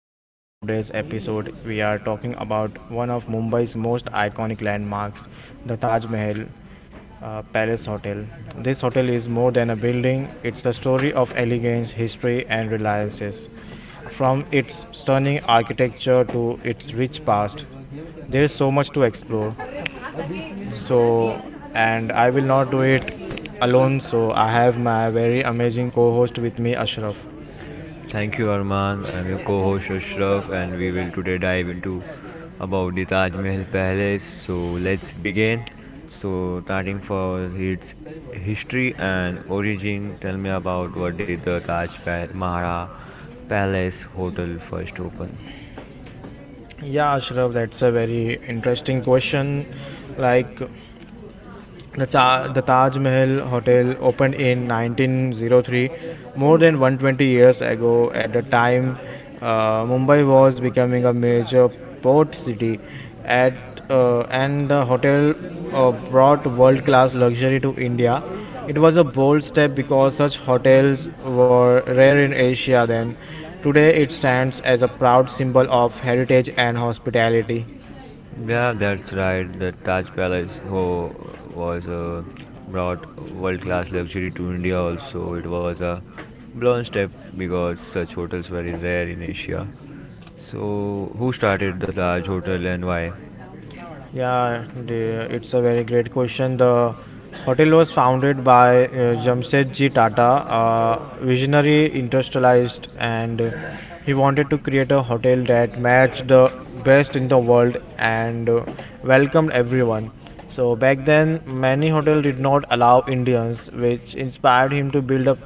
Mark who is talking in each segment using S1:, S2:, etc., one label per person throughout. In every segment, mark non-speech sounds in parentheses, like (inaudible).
S1: Welcome to today's episode. We are talking about one of Mumbai's most iconic landmarks, the Taj Mahal Palace Hotel. This hotel is more than a building, it's a story of elegance, history, and reliances. From its stunning architecture to its rich past, there is so much to explore. So, and I will not do it alone. So, I have my very amazing co host with me, Ashraf.
S2: Thank you, Arman. I'm your co-host Ashraf, and we will today dive into about the Taj Mahal Palace. So let's begin. So starting for its history and origin, tell me about what did the Mahara Palace Hotel first open?
S1: Yeah, Ashraf, that's a very interesting question. Like, the Taj Mahal Hotel opened in 1903, more than 120 years ago. At the time, Mumbai was becoming a major port city, at, and the hotel brought world class luxury to India. It was a bold step because such hotels were rare in Asia then. Today, it stands as a proud symbol of heritage and hospitality.
S2: Yeah, that's right. The Taj Palace was brought world-class luxury to India. Also, it was a blown step because such hotels were rare in Asia. So, who started the Taj Hotel and why?
S1: Yeah, it's a very great question. The hotel was founded by Jamsetji Tata, a visionary industrialist, and he wanted to create a hotel that matched the best in the world and welcomed everyone. So back then, many hotels did not allow Indians, which inspired him to build a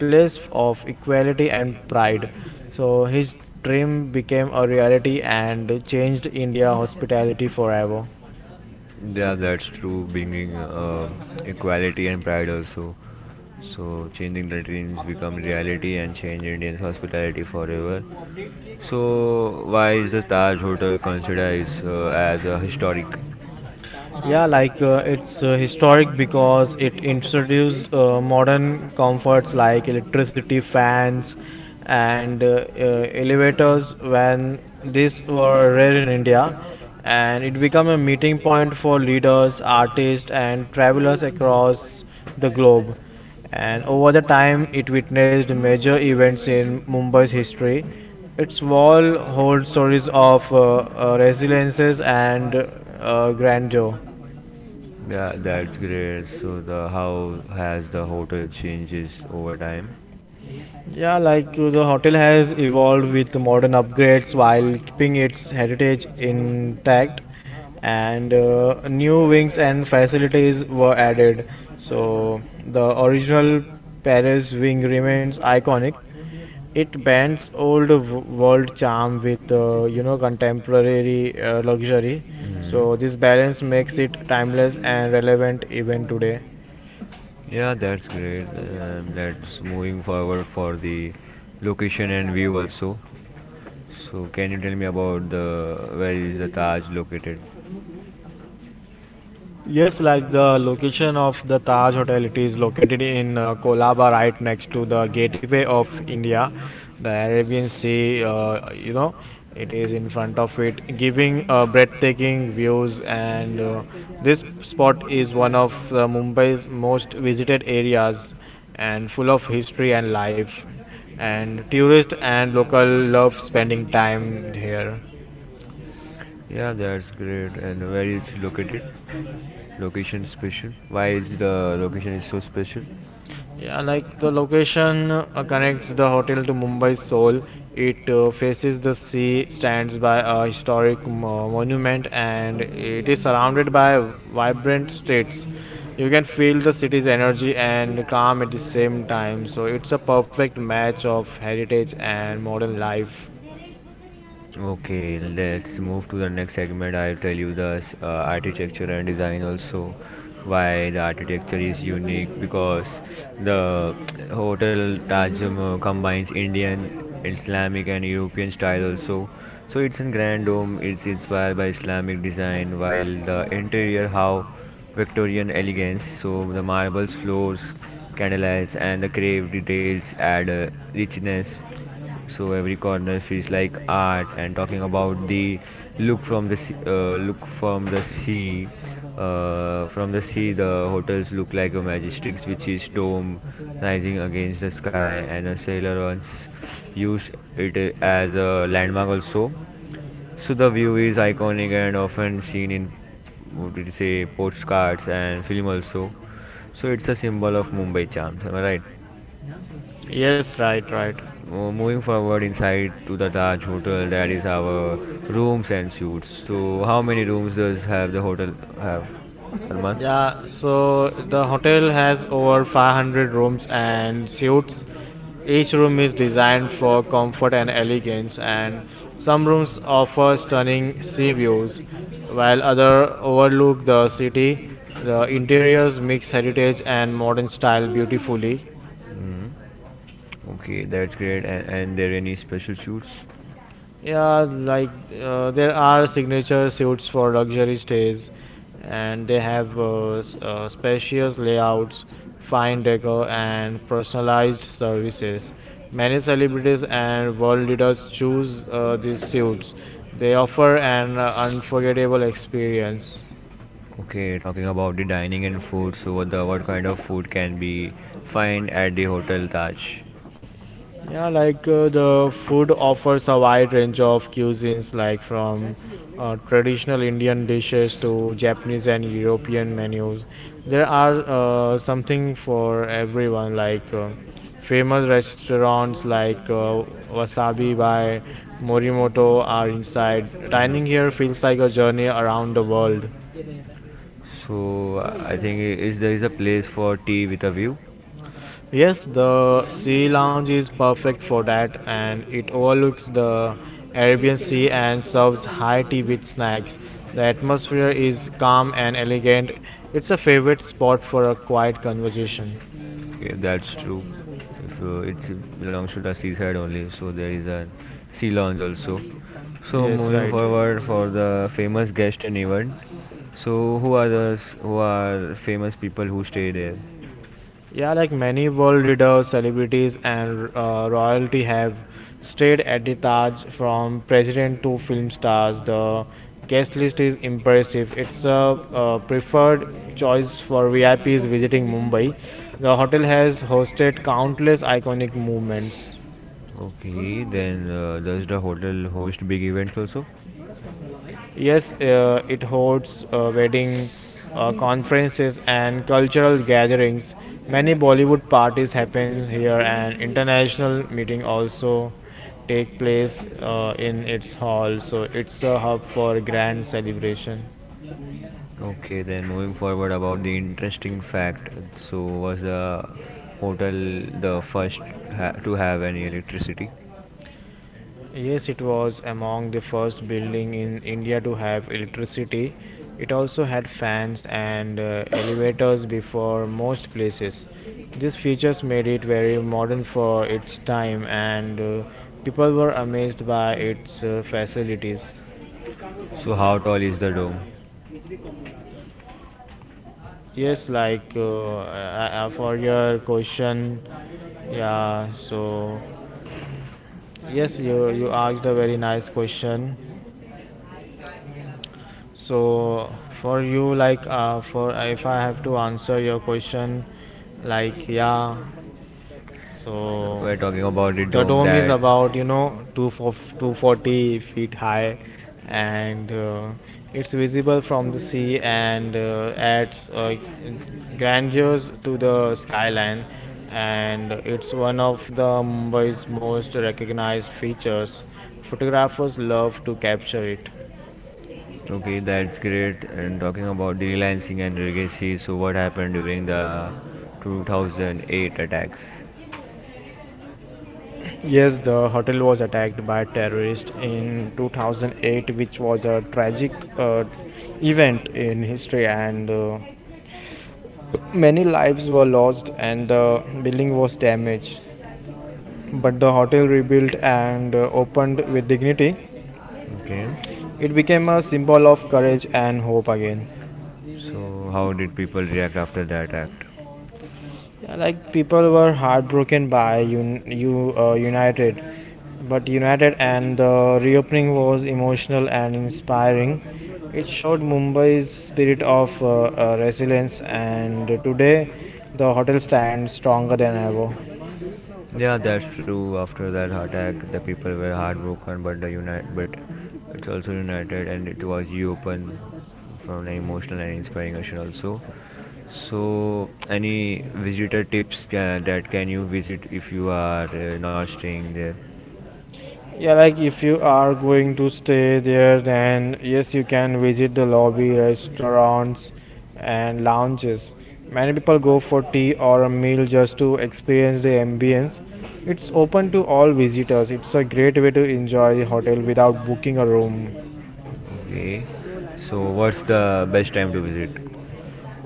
S1: place of equality and pride. So his dream became a reality and changed India hospitality forever.
S2: Yeah, that's true. Bringing equality and pride also. So, changing the dreams become reality and change Indian's hospitality forever. So, why is the Taj Hotel considered is, as a historic?
S1: Yeah, like it's Historic because it introduced modern comforts like electricity, fans, and elevators when these were rare in India. And it became a meeting point for leaders, artists, and travelers across the globe. And over the time, it witnessed major events in Mumbai's history. Its wall holds stories of resiliences and grandeur.
S2: Yeah, that's great. So, the how has the hotel changes over time?
S1: The hotel has evolved with the modern upgrades while keeping its heritage intact, and new wings and facilities were added. So the original Paris wing remains iconic. It blends old world charm with contemporary luxury.
S2: Hmm.
S1: So this balance makes it timeless and relevant even today.
S2: Yeah, that's great. That's moving forward for the location and view also. So, can you tell me about the where is the Taj located?
S1: Yes, like the location of the Taj Hotel, it is located in Kolaba, right next to the gateway of India, the Arabian Sea. It is in front of it, giving breathtaking views. And this spot is one of Mumbai's most visited areas, and full of history and life. And tourists and local love spending time here.
S2: Yeah, that's great. And where is located? Location special. Why is the location is so special?
S1: The location connects the hotel to Mumbai's soul. It faces the sea, stands by a historic monument, and it is surrounded by vibrant streets. You can feel the city's energy and calm at the same time. So it's a perfect match of heritage and modern life.
S2: Okay, let's move to the next segment. I'll tell you the architecture and design also, why the architecture is unique because the hotel Taj Mahal combines Indian, Islamic and European style also. So it's in grand dome, it's inspired by Islamic design while the interior how Victorian elegance. So the marble floors, candlelights and the grave details add a richness, so every corner feels like art. And talking about the look from the sea from the sea, the hotels look like a majestic which is dome rising against the sky, and a sailor once used it as a landmark also. So the view is iconic and often seen in, what would you say, postcards and film also. So it's a symbol of Mumbai charms, am I right?
S1: Yes, right, right.
S2: Moving forward inside to the Taj Hotel, that is our rooms and suites. So, how many rooms does have the hotel have, Arman?
S1: Yeah, so the hotel has over 500 rooms and suites. Each room is designed for comfort and elegance, and some rooms offer stunning sea views, while others overlook the city. The interiors mix heritage and modern style beautifully.
S2: Hmm. Okay, that's great. And there any special suites?
S1: Yeah, like there are signature suites for luxury stays, and they have spacious layouts, fine decor, and personalized services. Many celebrities and world leaders choose these suites. They offer an unforgettable experience.
S2: Okay, talking about the dining and food. So, what kind of food can be find at the Hotel Taj?
S1: The food offers a wide range of cuisines, like from traditional Indian dishes to Japanese and European menus. There are something for everyone, like famous restaurants like Wasabi by Morimoto are inside. Dining here feels like a journey around the world.
S2: So I think is there is a place for tea with a view?
S1: Yes, the sea lounge is perfect for that, and it overlooks the Arabian Sea and serves high tea with snacks. The atmosphere is calm and elegant. It's a favorite spot for a quiet conversation.
S2: Okay, that's true. If it belongs to the seaside only, so there is a sea lounge also. So
S1: Yes,
S2: moving
S1: right.
S2: forward for the famous guest and event. So who are famous people who stay there?
S1: Many world leaders, celebrities, and royalty have stayed at the Taj, from president to film stars. The guest list is impressive. It's a preferred choice for VIPs visiting Mumbai. The hotel has hosted countless iconic movements.
S2: Okay, then does the hotel host big events also?
S1: Yes, it holds wedding, conferences, and cultural gatherings. Many Bollywood parties happen here, and international meeting also take place in its hall. So it's a hub for grand celebration.
S2: Okay, then moving forward about the interesting fact. So was the hotel the first to have any electricity?
S1: Yes, it was among the first building in India to have electricity. It also had fans and elevators before most places. These features made it very modern for its time, and people were amazed by its facilities.
S2: So how tall is the dome?
S1: Yes, like for your question, yeah. So yes, you asked a very nice question. So for you, like, for If I have to answer your question, like, yeah. So
S2: We're talking about the
S1: the
S2: dome
S1: dome is
S2: that
S1: about two for 240 feet high, and it's visible from the sea and adds grandeur to the skyline, and it's one of the Mumbai's most recognized features. Photographers love to capture it.
S2: okay, that's great. And talking about the relancing and legacy, so what happened during the 2008 attacks?
S1: Yes, the hotel was attacked by terrorists in 2008, which was a tragic uh, event in history, and many lives were lost and the building was damaged. But the hotel rebuilt and opened with dignity.
S2: Okay.
S1: It became a symbol of courage and hope again.
S2: So, how did people react after that act?
S1: People were heartbroken by un- you United, but United and the reopening was emotional and inspiring. It showed Mumbai's spirit of resilience, and today the hotel stands stronger than ever.
S2: Yeah, that's true. After that attack, the people were heartbroken, but the unite, but it's also united, and it was you open from an emotional and inspiring action also. So, any visitor tips that can you visit if you are not staying there?
S1: If you are going to stay there, then yes, you can visit the lobby, restaurants, and lounges. Many people go for tea or a meal just to experience the ambience. It's open to all visitors. It's a great way to enjoy the hotel without booking a room.
S2: Okay. So, what's the best time to visit?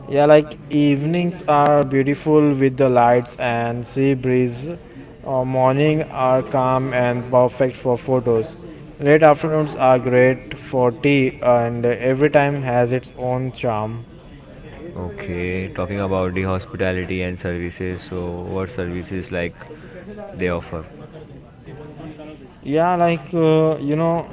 S1: Evenings are beautiful with the lights and sea breeze. Morning are calm and perfect for photos. Late afternoons are great for tea, and every time has its own charm.
S2: Okay, talking about the hospitality and services, so what services like they offer?
S1: Yeah, like you know.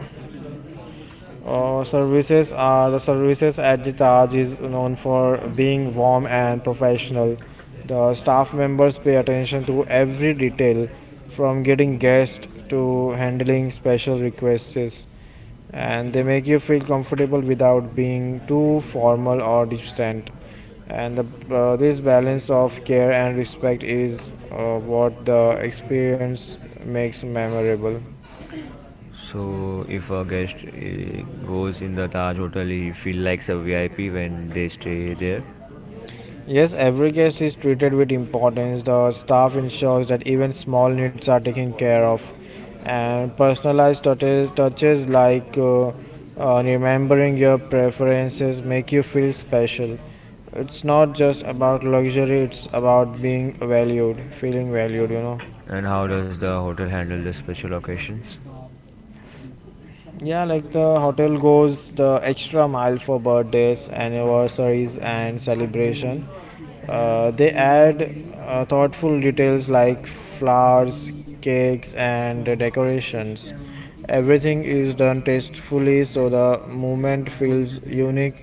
S1: Services The services at the Taj is known for being warm and professional. The staff members pay attention to every detail, from getting guests to handling special requests, and they make you feel comfortable without being too formal or distant. This balance of care and respect is what the experience makes memorable.
S2: So if a guest goes in the Taj Hotel, he feel like a VIP when they stay there.
S1: Yes, every guest is treated with importance. The staff ensures that even small needs are taken care of, and personalized touches like remembering your preferences make you feel special. It's not just about luxury; it's about being valued, feeling valued. You know.
S2: And how does the hotel handle the special occasions?
S1: The hotel goes the extra mile for birthdays, anniversaries, and celebration. They add thoughtful details like flowers, cakes, and decorations. Everything is done tastefully so the moment feels unique.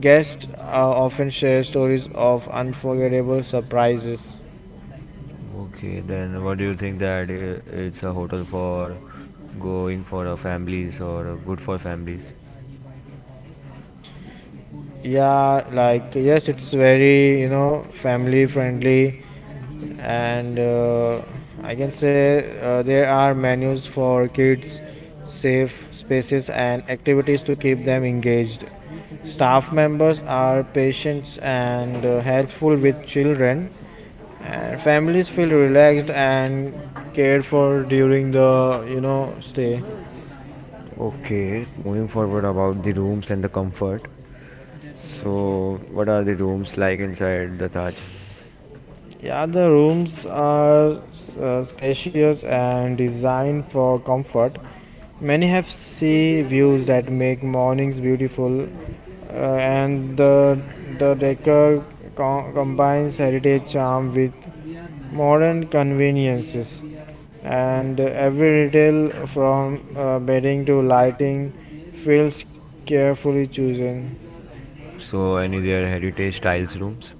S1: Guests often share stories of unforgettable surprises
S2: Okay, then what do you think that it's a hotel for going for a families or good for families?
S1: also. Yes, it's very family friendly, and I can say there are menus for kids, safe spaces, and activities to keep them engaged. Staff members are patient and helpful with children, and families feel relaxed and cared for during the stay.
S2: Okay, moving forward about the rooms and the comfort. So, what are the rooms like inside the Taj?
S1: Yeah, the rooms are spacious and designed for comfort. Many have sea views that make mornings beautiful, and the decor combines heritage charm with modern conveniences. And every detail, from bedding to lighting, feels carefully chosen.
S2: So, any their heritage styles rooms?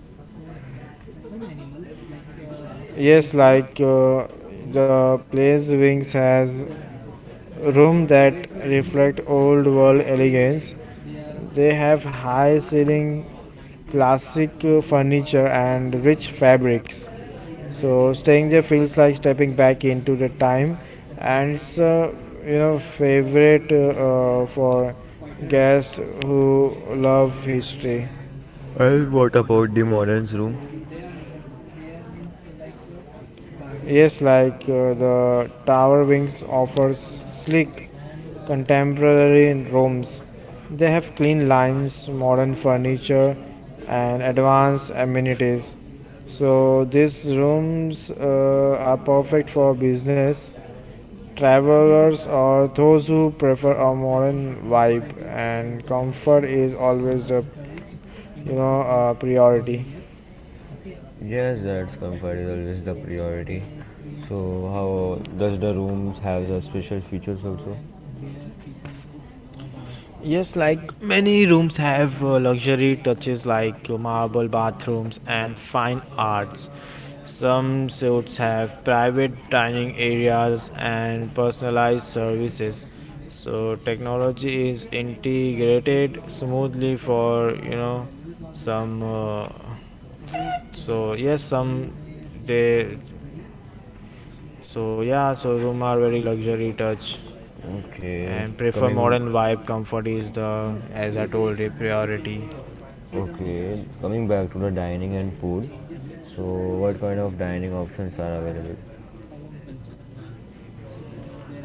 S1: Yes, like uh, the place wings has rooms that reflect old world elegance. They have high ceiling, classic furniture and rich fabrics. So staying there feels like stepping back into the time and it's a favorite for guests who love history.
S2: Well, what about the modern's room?
S1: The Tower Wings offers sleek contemporary rooms. They have clean lines, modern furniture, and advanced amenities. So these rooms are perfect for business travelers or those who prefer a modern vibe and comfort is always the priority.
S2: Yes, that's comfort is always the priority. So, how does the rooms have the special features also?
S1: Many rooms have luxury touches like marble bathrooms and fine arts. Some suites have private dining areas and personalized services. So technology is integrated smoothly for you know some. So yes, some they. So yeah, so room are very luxury touch
S2: Okay,
S1: and prefer
S2: coming.
S1: modern vibe. Comfort is the as I told you priority.
S2: Okay, coming back to the dining and food. So, what kind of dining options are available?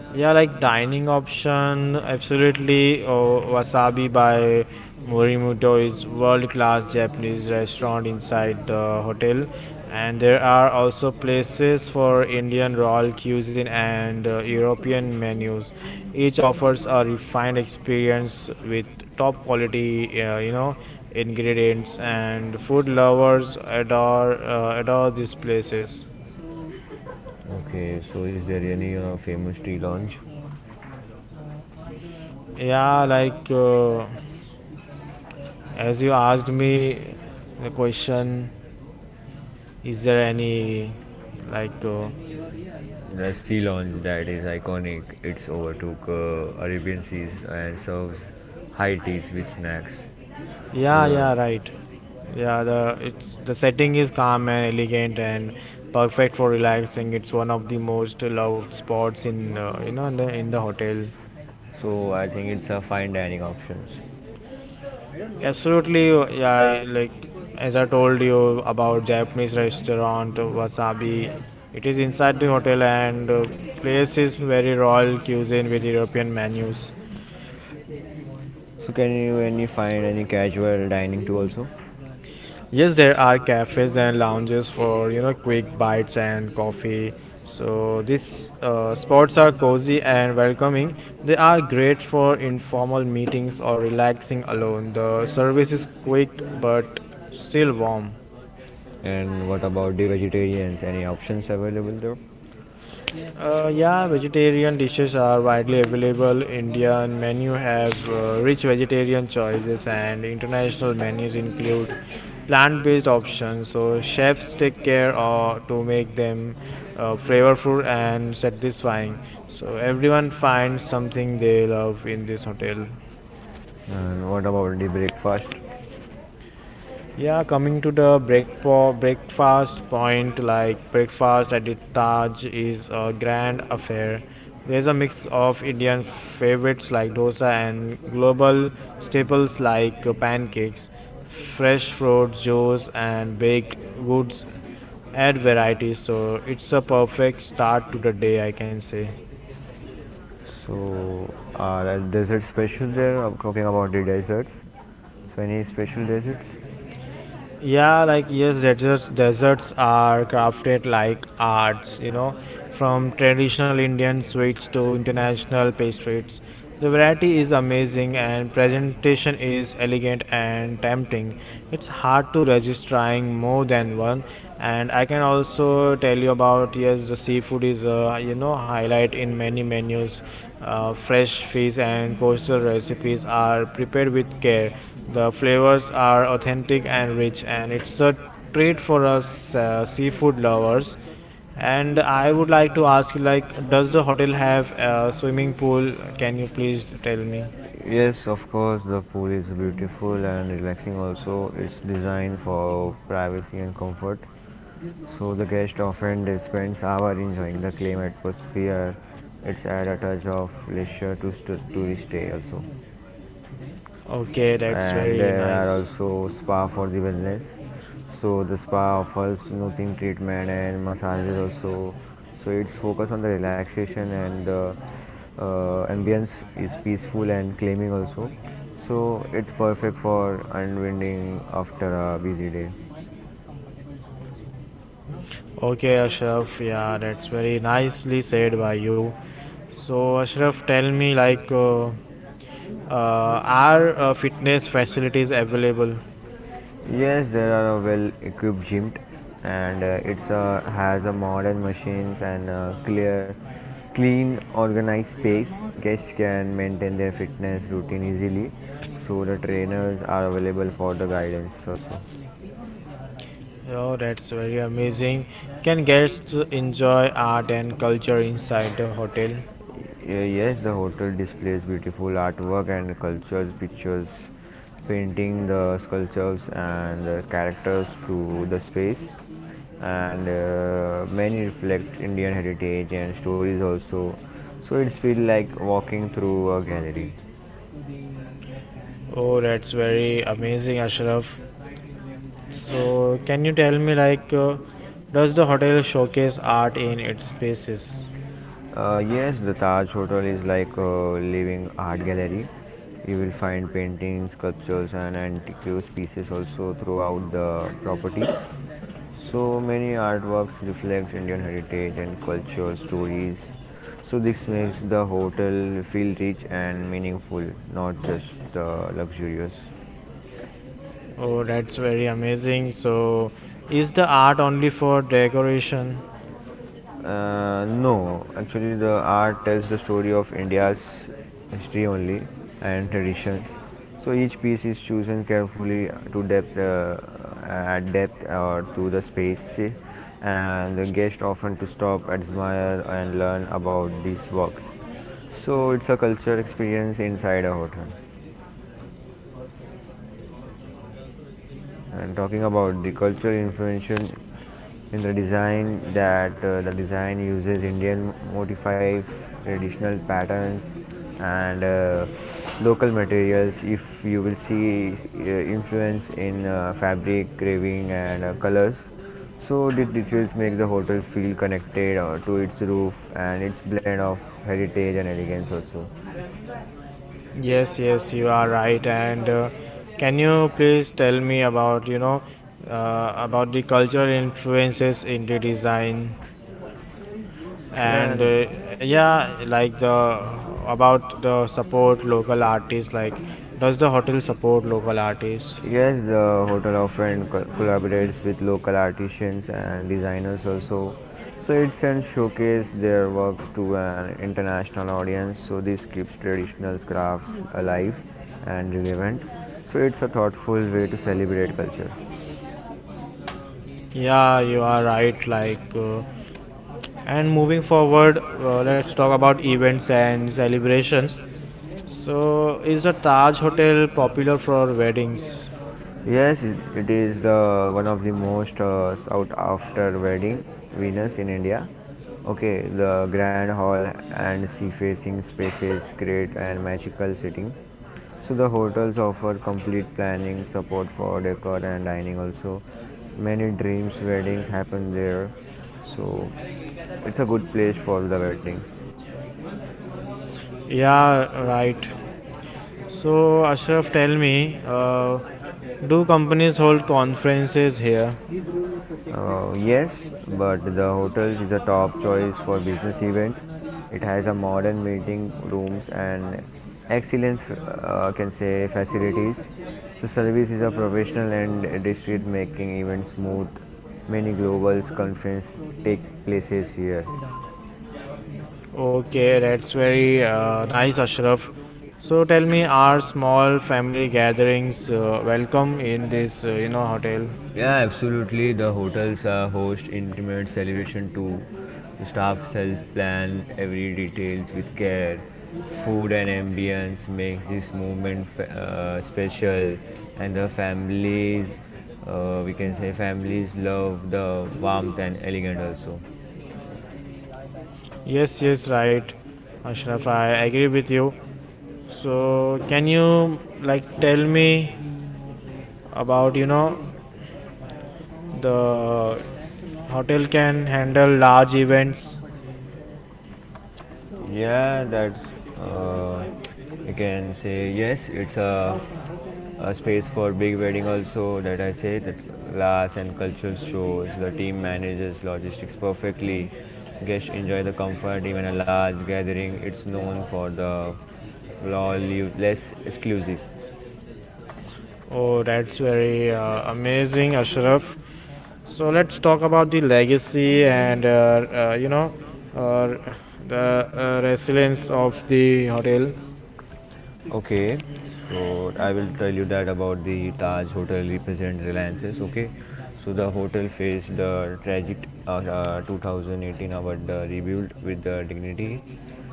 S1: Dining option, absolutely. Oh, Wasabi by Morimoto is world-class Japanese restaurant inside the hotel, and there are also places for Indian royal cuisine and European menus. Each offers a refined experience with top-quality, ingredients, and food lovers adore these places.
S2: Okay, so is there any famous tea lounge?
S1: Yeah, like. As you asked me the question, is there any like
S2: The sea lounge that is iconic, it's overtook Arabian seas and serves high teas with snacks.
S1: yeah
S2: The-
S1: yeah right yeah the It's the setting is calm and elegant and perfect for relaxing. It's one of the most loved spots in in the hotel.
S2: So I think it's a fine dining options.
S1: Absolutely, yeah. I, like as I told you about Japanese restaurant Wasabi, it is inside the hotel and place is very royal cuisine with European menus.
S2: So can you any find any casual dining too also?
S1: Yes, there are cafes and lounges for quick bites and coffee. So these spots are cozy and welcoming. They are great for informal meetings or relaxing alone. The service is quick but still warm.
S2: And what about the vegetarians? Any options available there?
S1: Yeah, vegetarian dishes are widely available. Indian menu have rich vegetarian choices, and international menus include plant-based options. So chefs take care to make them flavorful and satisfying. So everyone finds something they love in this hotel.
S2: And what about the breakfast?
S1: Yeah, coming to the breakfast point, like breakfast at the Taj is a grand affair. There's a mix of Indian favorites like dosa and global staples like pancakes, fresh fruit juice, and baked goods add variety. So it's a perfect start to the day, I can say.
S2: So, are there desert special there? I'm talking about the deserts. So, any special deserts?
S1: Yeah, like yes, deserts are crafted like arts, you know, from traditional Indian sweets to international pastries. The variety is amazing and presentation is elegant and tempting. It's hard to resist trying more than one. And I can also tell you about yes, the seafood is a you know highlight in many menus. Fresh fish and coastal recipes are prepared with care, the flavors are authentic and rich, and it's a treat for us seafood lovers. And I would like to ask you, like, does the hotel have a swimming pool? Can you please tell me?
S2: Yes, of course, the pool is beautiful and relaxing also. It's designed for privacy and comfort. So, the guest often spends hours enjoying the calm atmosphere. It's add a touch of leisure to, to the stay also.
S1: Okay, that's
S2: And
S1: very
S2: there are
S1: nice.
S2: also spa for the wellness. So the spa offers soothing treatment and massages also. So its focus on the relaxation and the ambience is peaceful and calming also. So it's perfect for unwinding after a busy day.
S1: Okay, Ashraf, yeah, that's very nicely said by you. So, Ashraf, tell me, like, Uh, are fitness facilities available?
S2: Yes, there are a well-equipped gym, and it's has a modern machines and clear, clean, organized space. Guests can maintain their fitness routine easily, so the trainers are available for the guidance also.
S1: Oh, that's very amazing. Can guests enjoy art and culture inside the hotel?
S2: Yeah, yes, the hotel displays beautiful artwork and cultures, pictures, painting the sculptures and the characters to the space, and many reflect Indian heritage and stories also. So it's feel like walking through a gallery.
S1: Oh, that's very amazing, Ashraf. So, can you tell me, like, does the hotel showcase art in its spaces?
S2: Yes, the Taj Hotel is like a living art gallery. You will find paintings, sculptures, and antiques pieces also throughout the property. So many artworks reflects Indian heritage and cultural stories. So this makes the hotel feel rich and meaningful, not just luxurious.
S1: Oh, that's very amazing. So, is the art only for decoration?
S2: No, actually, the art tells the story of India's history only and traditions. So each piece is chosen carefully to depth, at depth or to the space, and the guest often to stop, admire, and learn about these works. So it's a culture experience inside a hotel. And talking about the cultural influence in the design that the design uses Indian motif, traditional patterns, and local materials. If you will see influence in fabric, carving, and colors. So the details make the hotel feel connected to its roof and its blend of heritage and elegance also.
S1: Yes, yes, you are right. And Can you please tell me about you know about the cultural influences in the design
S2: Yeah,
S1: and
S2: and
S1: yeah like the about the support local artists, like does the hotel support local artists?
S2: yes, the hotel often collaborates with local artisans and designers also. So it sends showcase their works to an international audience. So this keeps traditional crafts alive and relevant. So it's a thoughtful way to celebrate culture.
S1: Yeah, you are right. And moving forward, let's talk about events and celebrations. So is the Taj Hotel popular for weddings?
S2: Yes, it is the one of the most sought after wedding venues in India. Okay, the grand hall and sea facing spaces create an magical setting. So the hotels offer complete planning, support for decor and dining also. Many dreams weddings happen there. So it's a good place for the wedding.
S1: Yeah, right. So, Ashraf, tell me, do companies hold conferences here?
S2: Yes, but the hotel is a top choice for business event. It has a modern meeting rooms and excellent, can say, facilities. The service is a professional and discreet, making events smooth. Many global conference take places here.
S1: Okay, that's very nice, Ashraf. So, tell me, are small family gatherings welcome in this, you know, hotel?
S2: Yeah, absolutely. The hotels host intimate celebration too. The staff sells plan every details with care. Food and ambience makes this movement special, and the families, we can say families love the warmth and elegant also.
S1: Yes, yes, right, Ashraf. I agree with you. So can you like tell me about you know the hotel can handle large events?
S2: Yeah, that's uh, you can say yes. It's a space for big wedding also that I say that glass and cultural shows. The team manages logistics perfectly. Guests enjoy the comfort even a large gathering. It's known for the flawless exclusive.
S1: Oh, that's very amazing, Ashraf. So let's talk about the legacy and you know uh, the resilience of the hotel.
S2: Okay, so I will tell you that about the Taj Hotel represents Reliance's. Okay, so the hotel faced the tragic 2018 but the rebuilt with the dignity.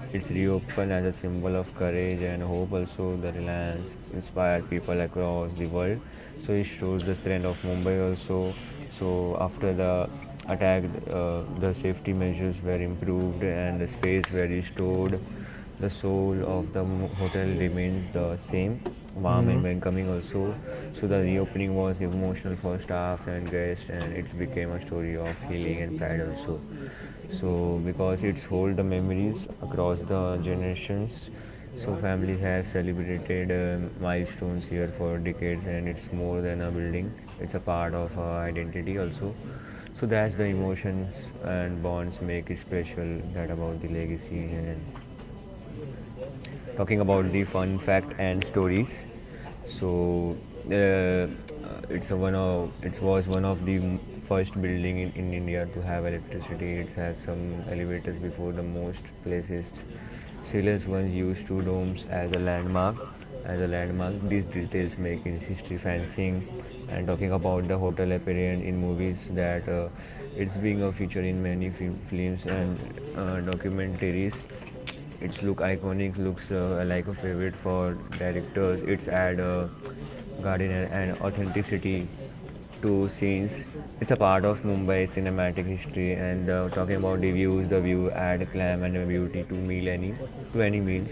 S2: It's reopened as a symbol of courage and hope. Also, the Reliance inspired people across the world. So it shows the strength of Mumbai also. So after the attack, the safety measures were improved and the space were restored. The soul of the hotel remains the same, warm and
S1: Mm,
S2: welcoming also. So the reopening was emotional for staff and guests, and it became a story of healing and pride also. So because it's hold the memories across the generations, so families have celebrated milestones here for decades, and it's more than a building, it's a part of our identity also. So that's the emotions and bonds make it special, that about the legacy. And talking about the fun fact and stories. So uh, it was one of the first building in India to have electricity. It has some elevators before the most places. Silence once used two domes as a landmark. As a landmark, these details make its history fancying. And talking about the hotel appearance in movies that it's being a feature in many films and documentaries. Its look iconic, looks like a favorite for directors. It's add a gardener and authenticity to scenes. It's a part of Mumbai cinematic history. And talking about the views, the view add clam and the beauty to any meals,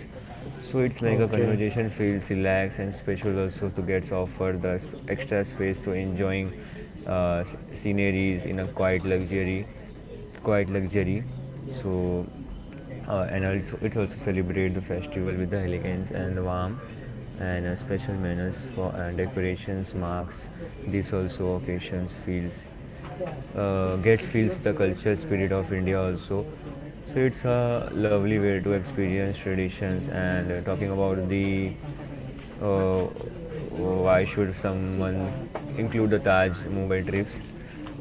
S2: so it's make a
S1: okay.
S2: conversation feels relaxed and special also to gets offered the extra space to enjoying uh, s- sceneries in a quiet luxury. So and also it also celebrate the festival with the elegance and warmth, and special manners for decorations marks this also occasions feels gets feels the culture spirit of India also. So it's a lovely way to experience traditions. And talking about the uh, why should someone include the Taj Mumbai trips.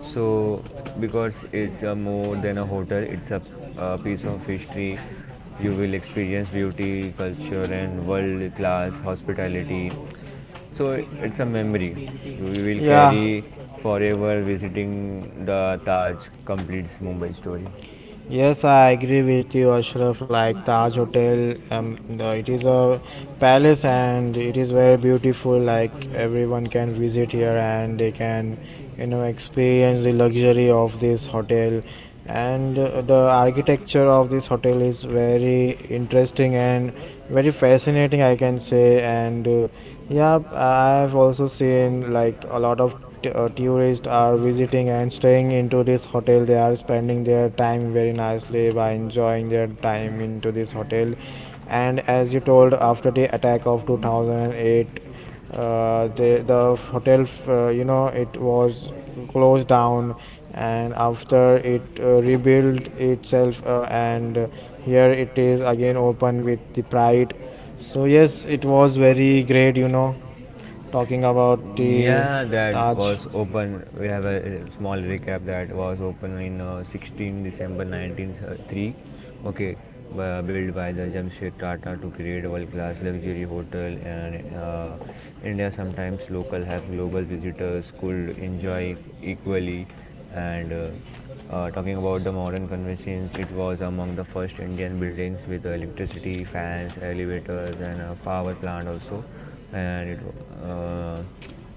S2: So because it's a more than a hotel, it's a piece of history. You will experience beauty, culture, and world class hospitality, so it's a memory we will
S1: Yeah.
S2: carry forever visiting the Taj completes Mumbai story.
S1: Yes, I agree with you, Ashraf. Like Taj Hotel, it is a palace and it is very beautiful. Like everyone can visit here and they can, you know, experience the luxury of this hotel. And The architecture of this hotel is very interesting and very fascinating, I can say. And yeah, I've also seen like a lot of tourists are visiting and staying into this hotel. They are spending their time very nicely by enjoying their time into this hotel. And as you told, after the attack of 2008, the hotel, you know, it was closed down, and after it rebuilt itself, and here it is again open with the pride. So yes, it was very great, you know, talking about the
S2: Yeah, that
S1: Taj.
S2: was open. We have a small recap that was open in 16 December 1903. Okay, built by the Jamshed Tata to create world-class luxury hotel, and India sometimes local have global visitors could enjoy equally. And talking about the modern convenience, it was among the first Indian buildings with electricity, fans, elevators, and a power plant also. And it, uh,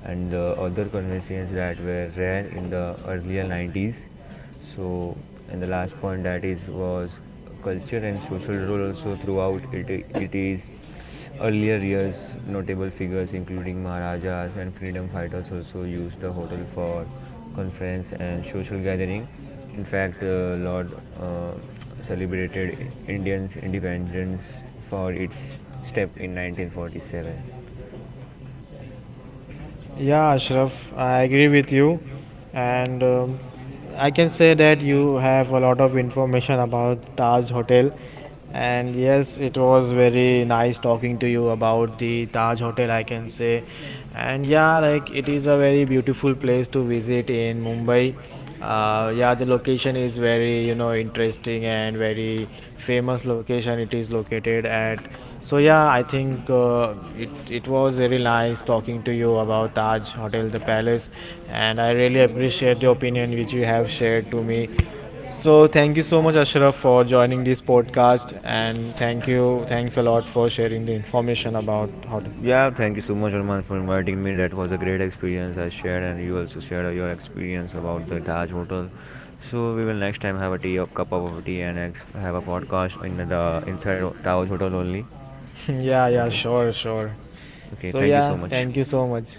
S2: and the other conveniences that were rare in the earlier 90s. So, and the last point that is was culture and social role also throughout it, it is earlier years. Notable figures including maharajas and freedom fighters also used the hotel for conference and social gathering. In fact, lord celebrated Indians independence for its step in 1947.
S1: Yeah, Ashraf, I agree with you, and I can say that you have a lot of information about Taj Hotel. And yes, it was very nice talking to you about the Taj Hotel, I can say. And yeah, like it is a very beautiful place to visit in Mumbai. Yeah, the location is very, you know, interesting and very famous location. It is located at, so yeah, I think it was very nice talking to you about Taj Hotel the Palace, and I really appreciate the opinion which you have shared to me. So thank you so much, Ashraf, for joining this podcast, and thank you, thanks a lot for sharing the information about hotel.
S2: Yeah, thank you so much, Arman, for inviting me. That was a great experience I shared, and you also shared your experience about the Taj Hotel. So we will next time have a cup of tea, and have a podcast in the inside Taj Hotel only.
S1: (laughs) yeah, yeah,
S2: Okay.
S1: sure, sure.
S2: Okay.
S1: So
S2: Thank you
S1: yeah,
S2: so much.
S1: thank you so much.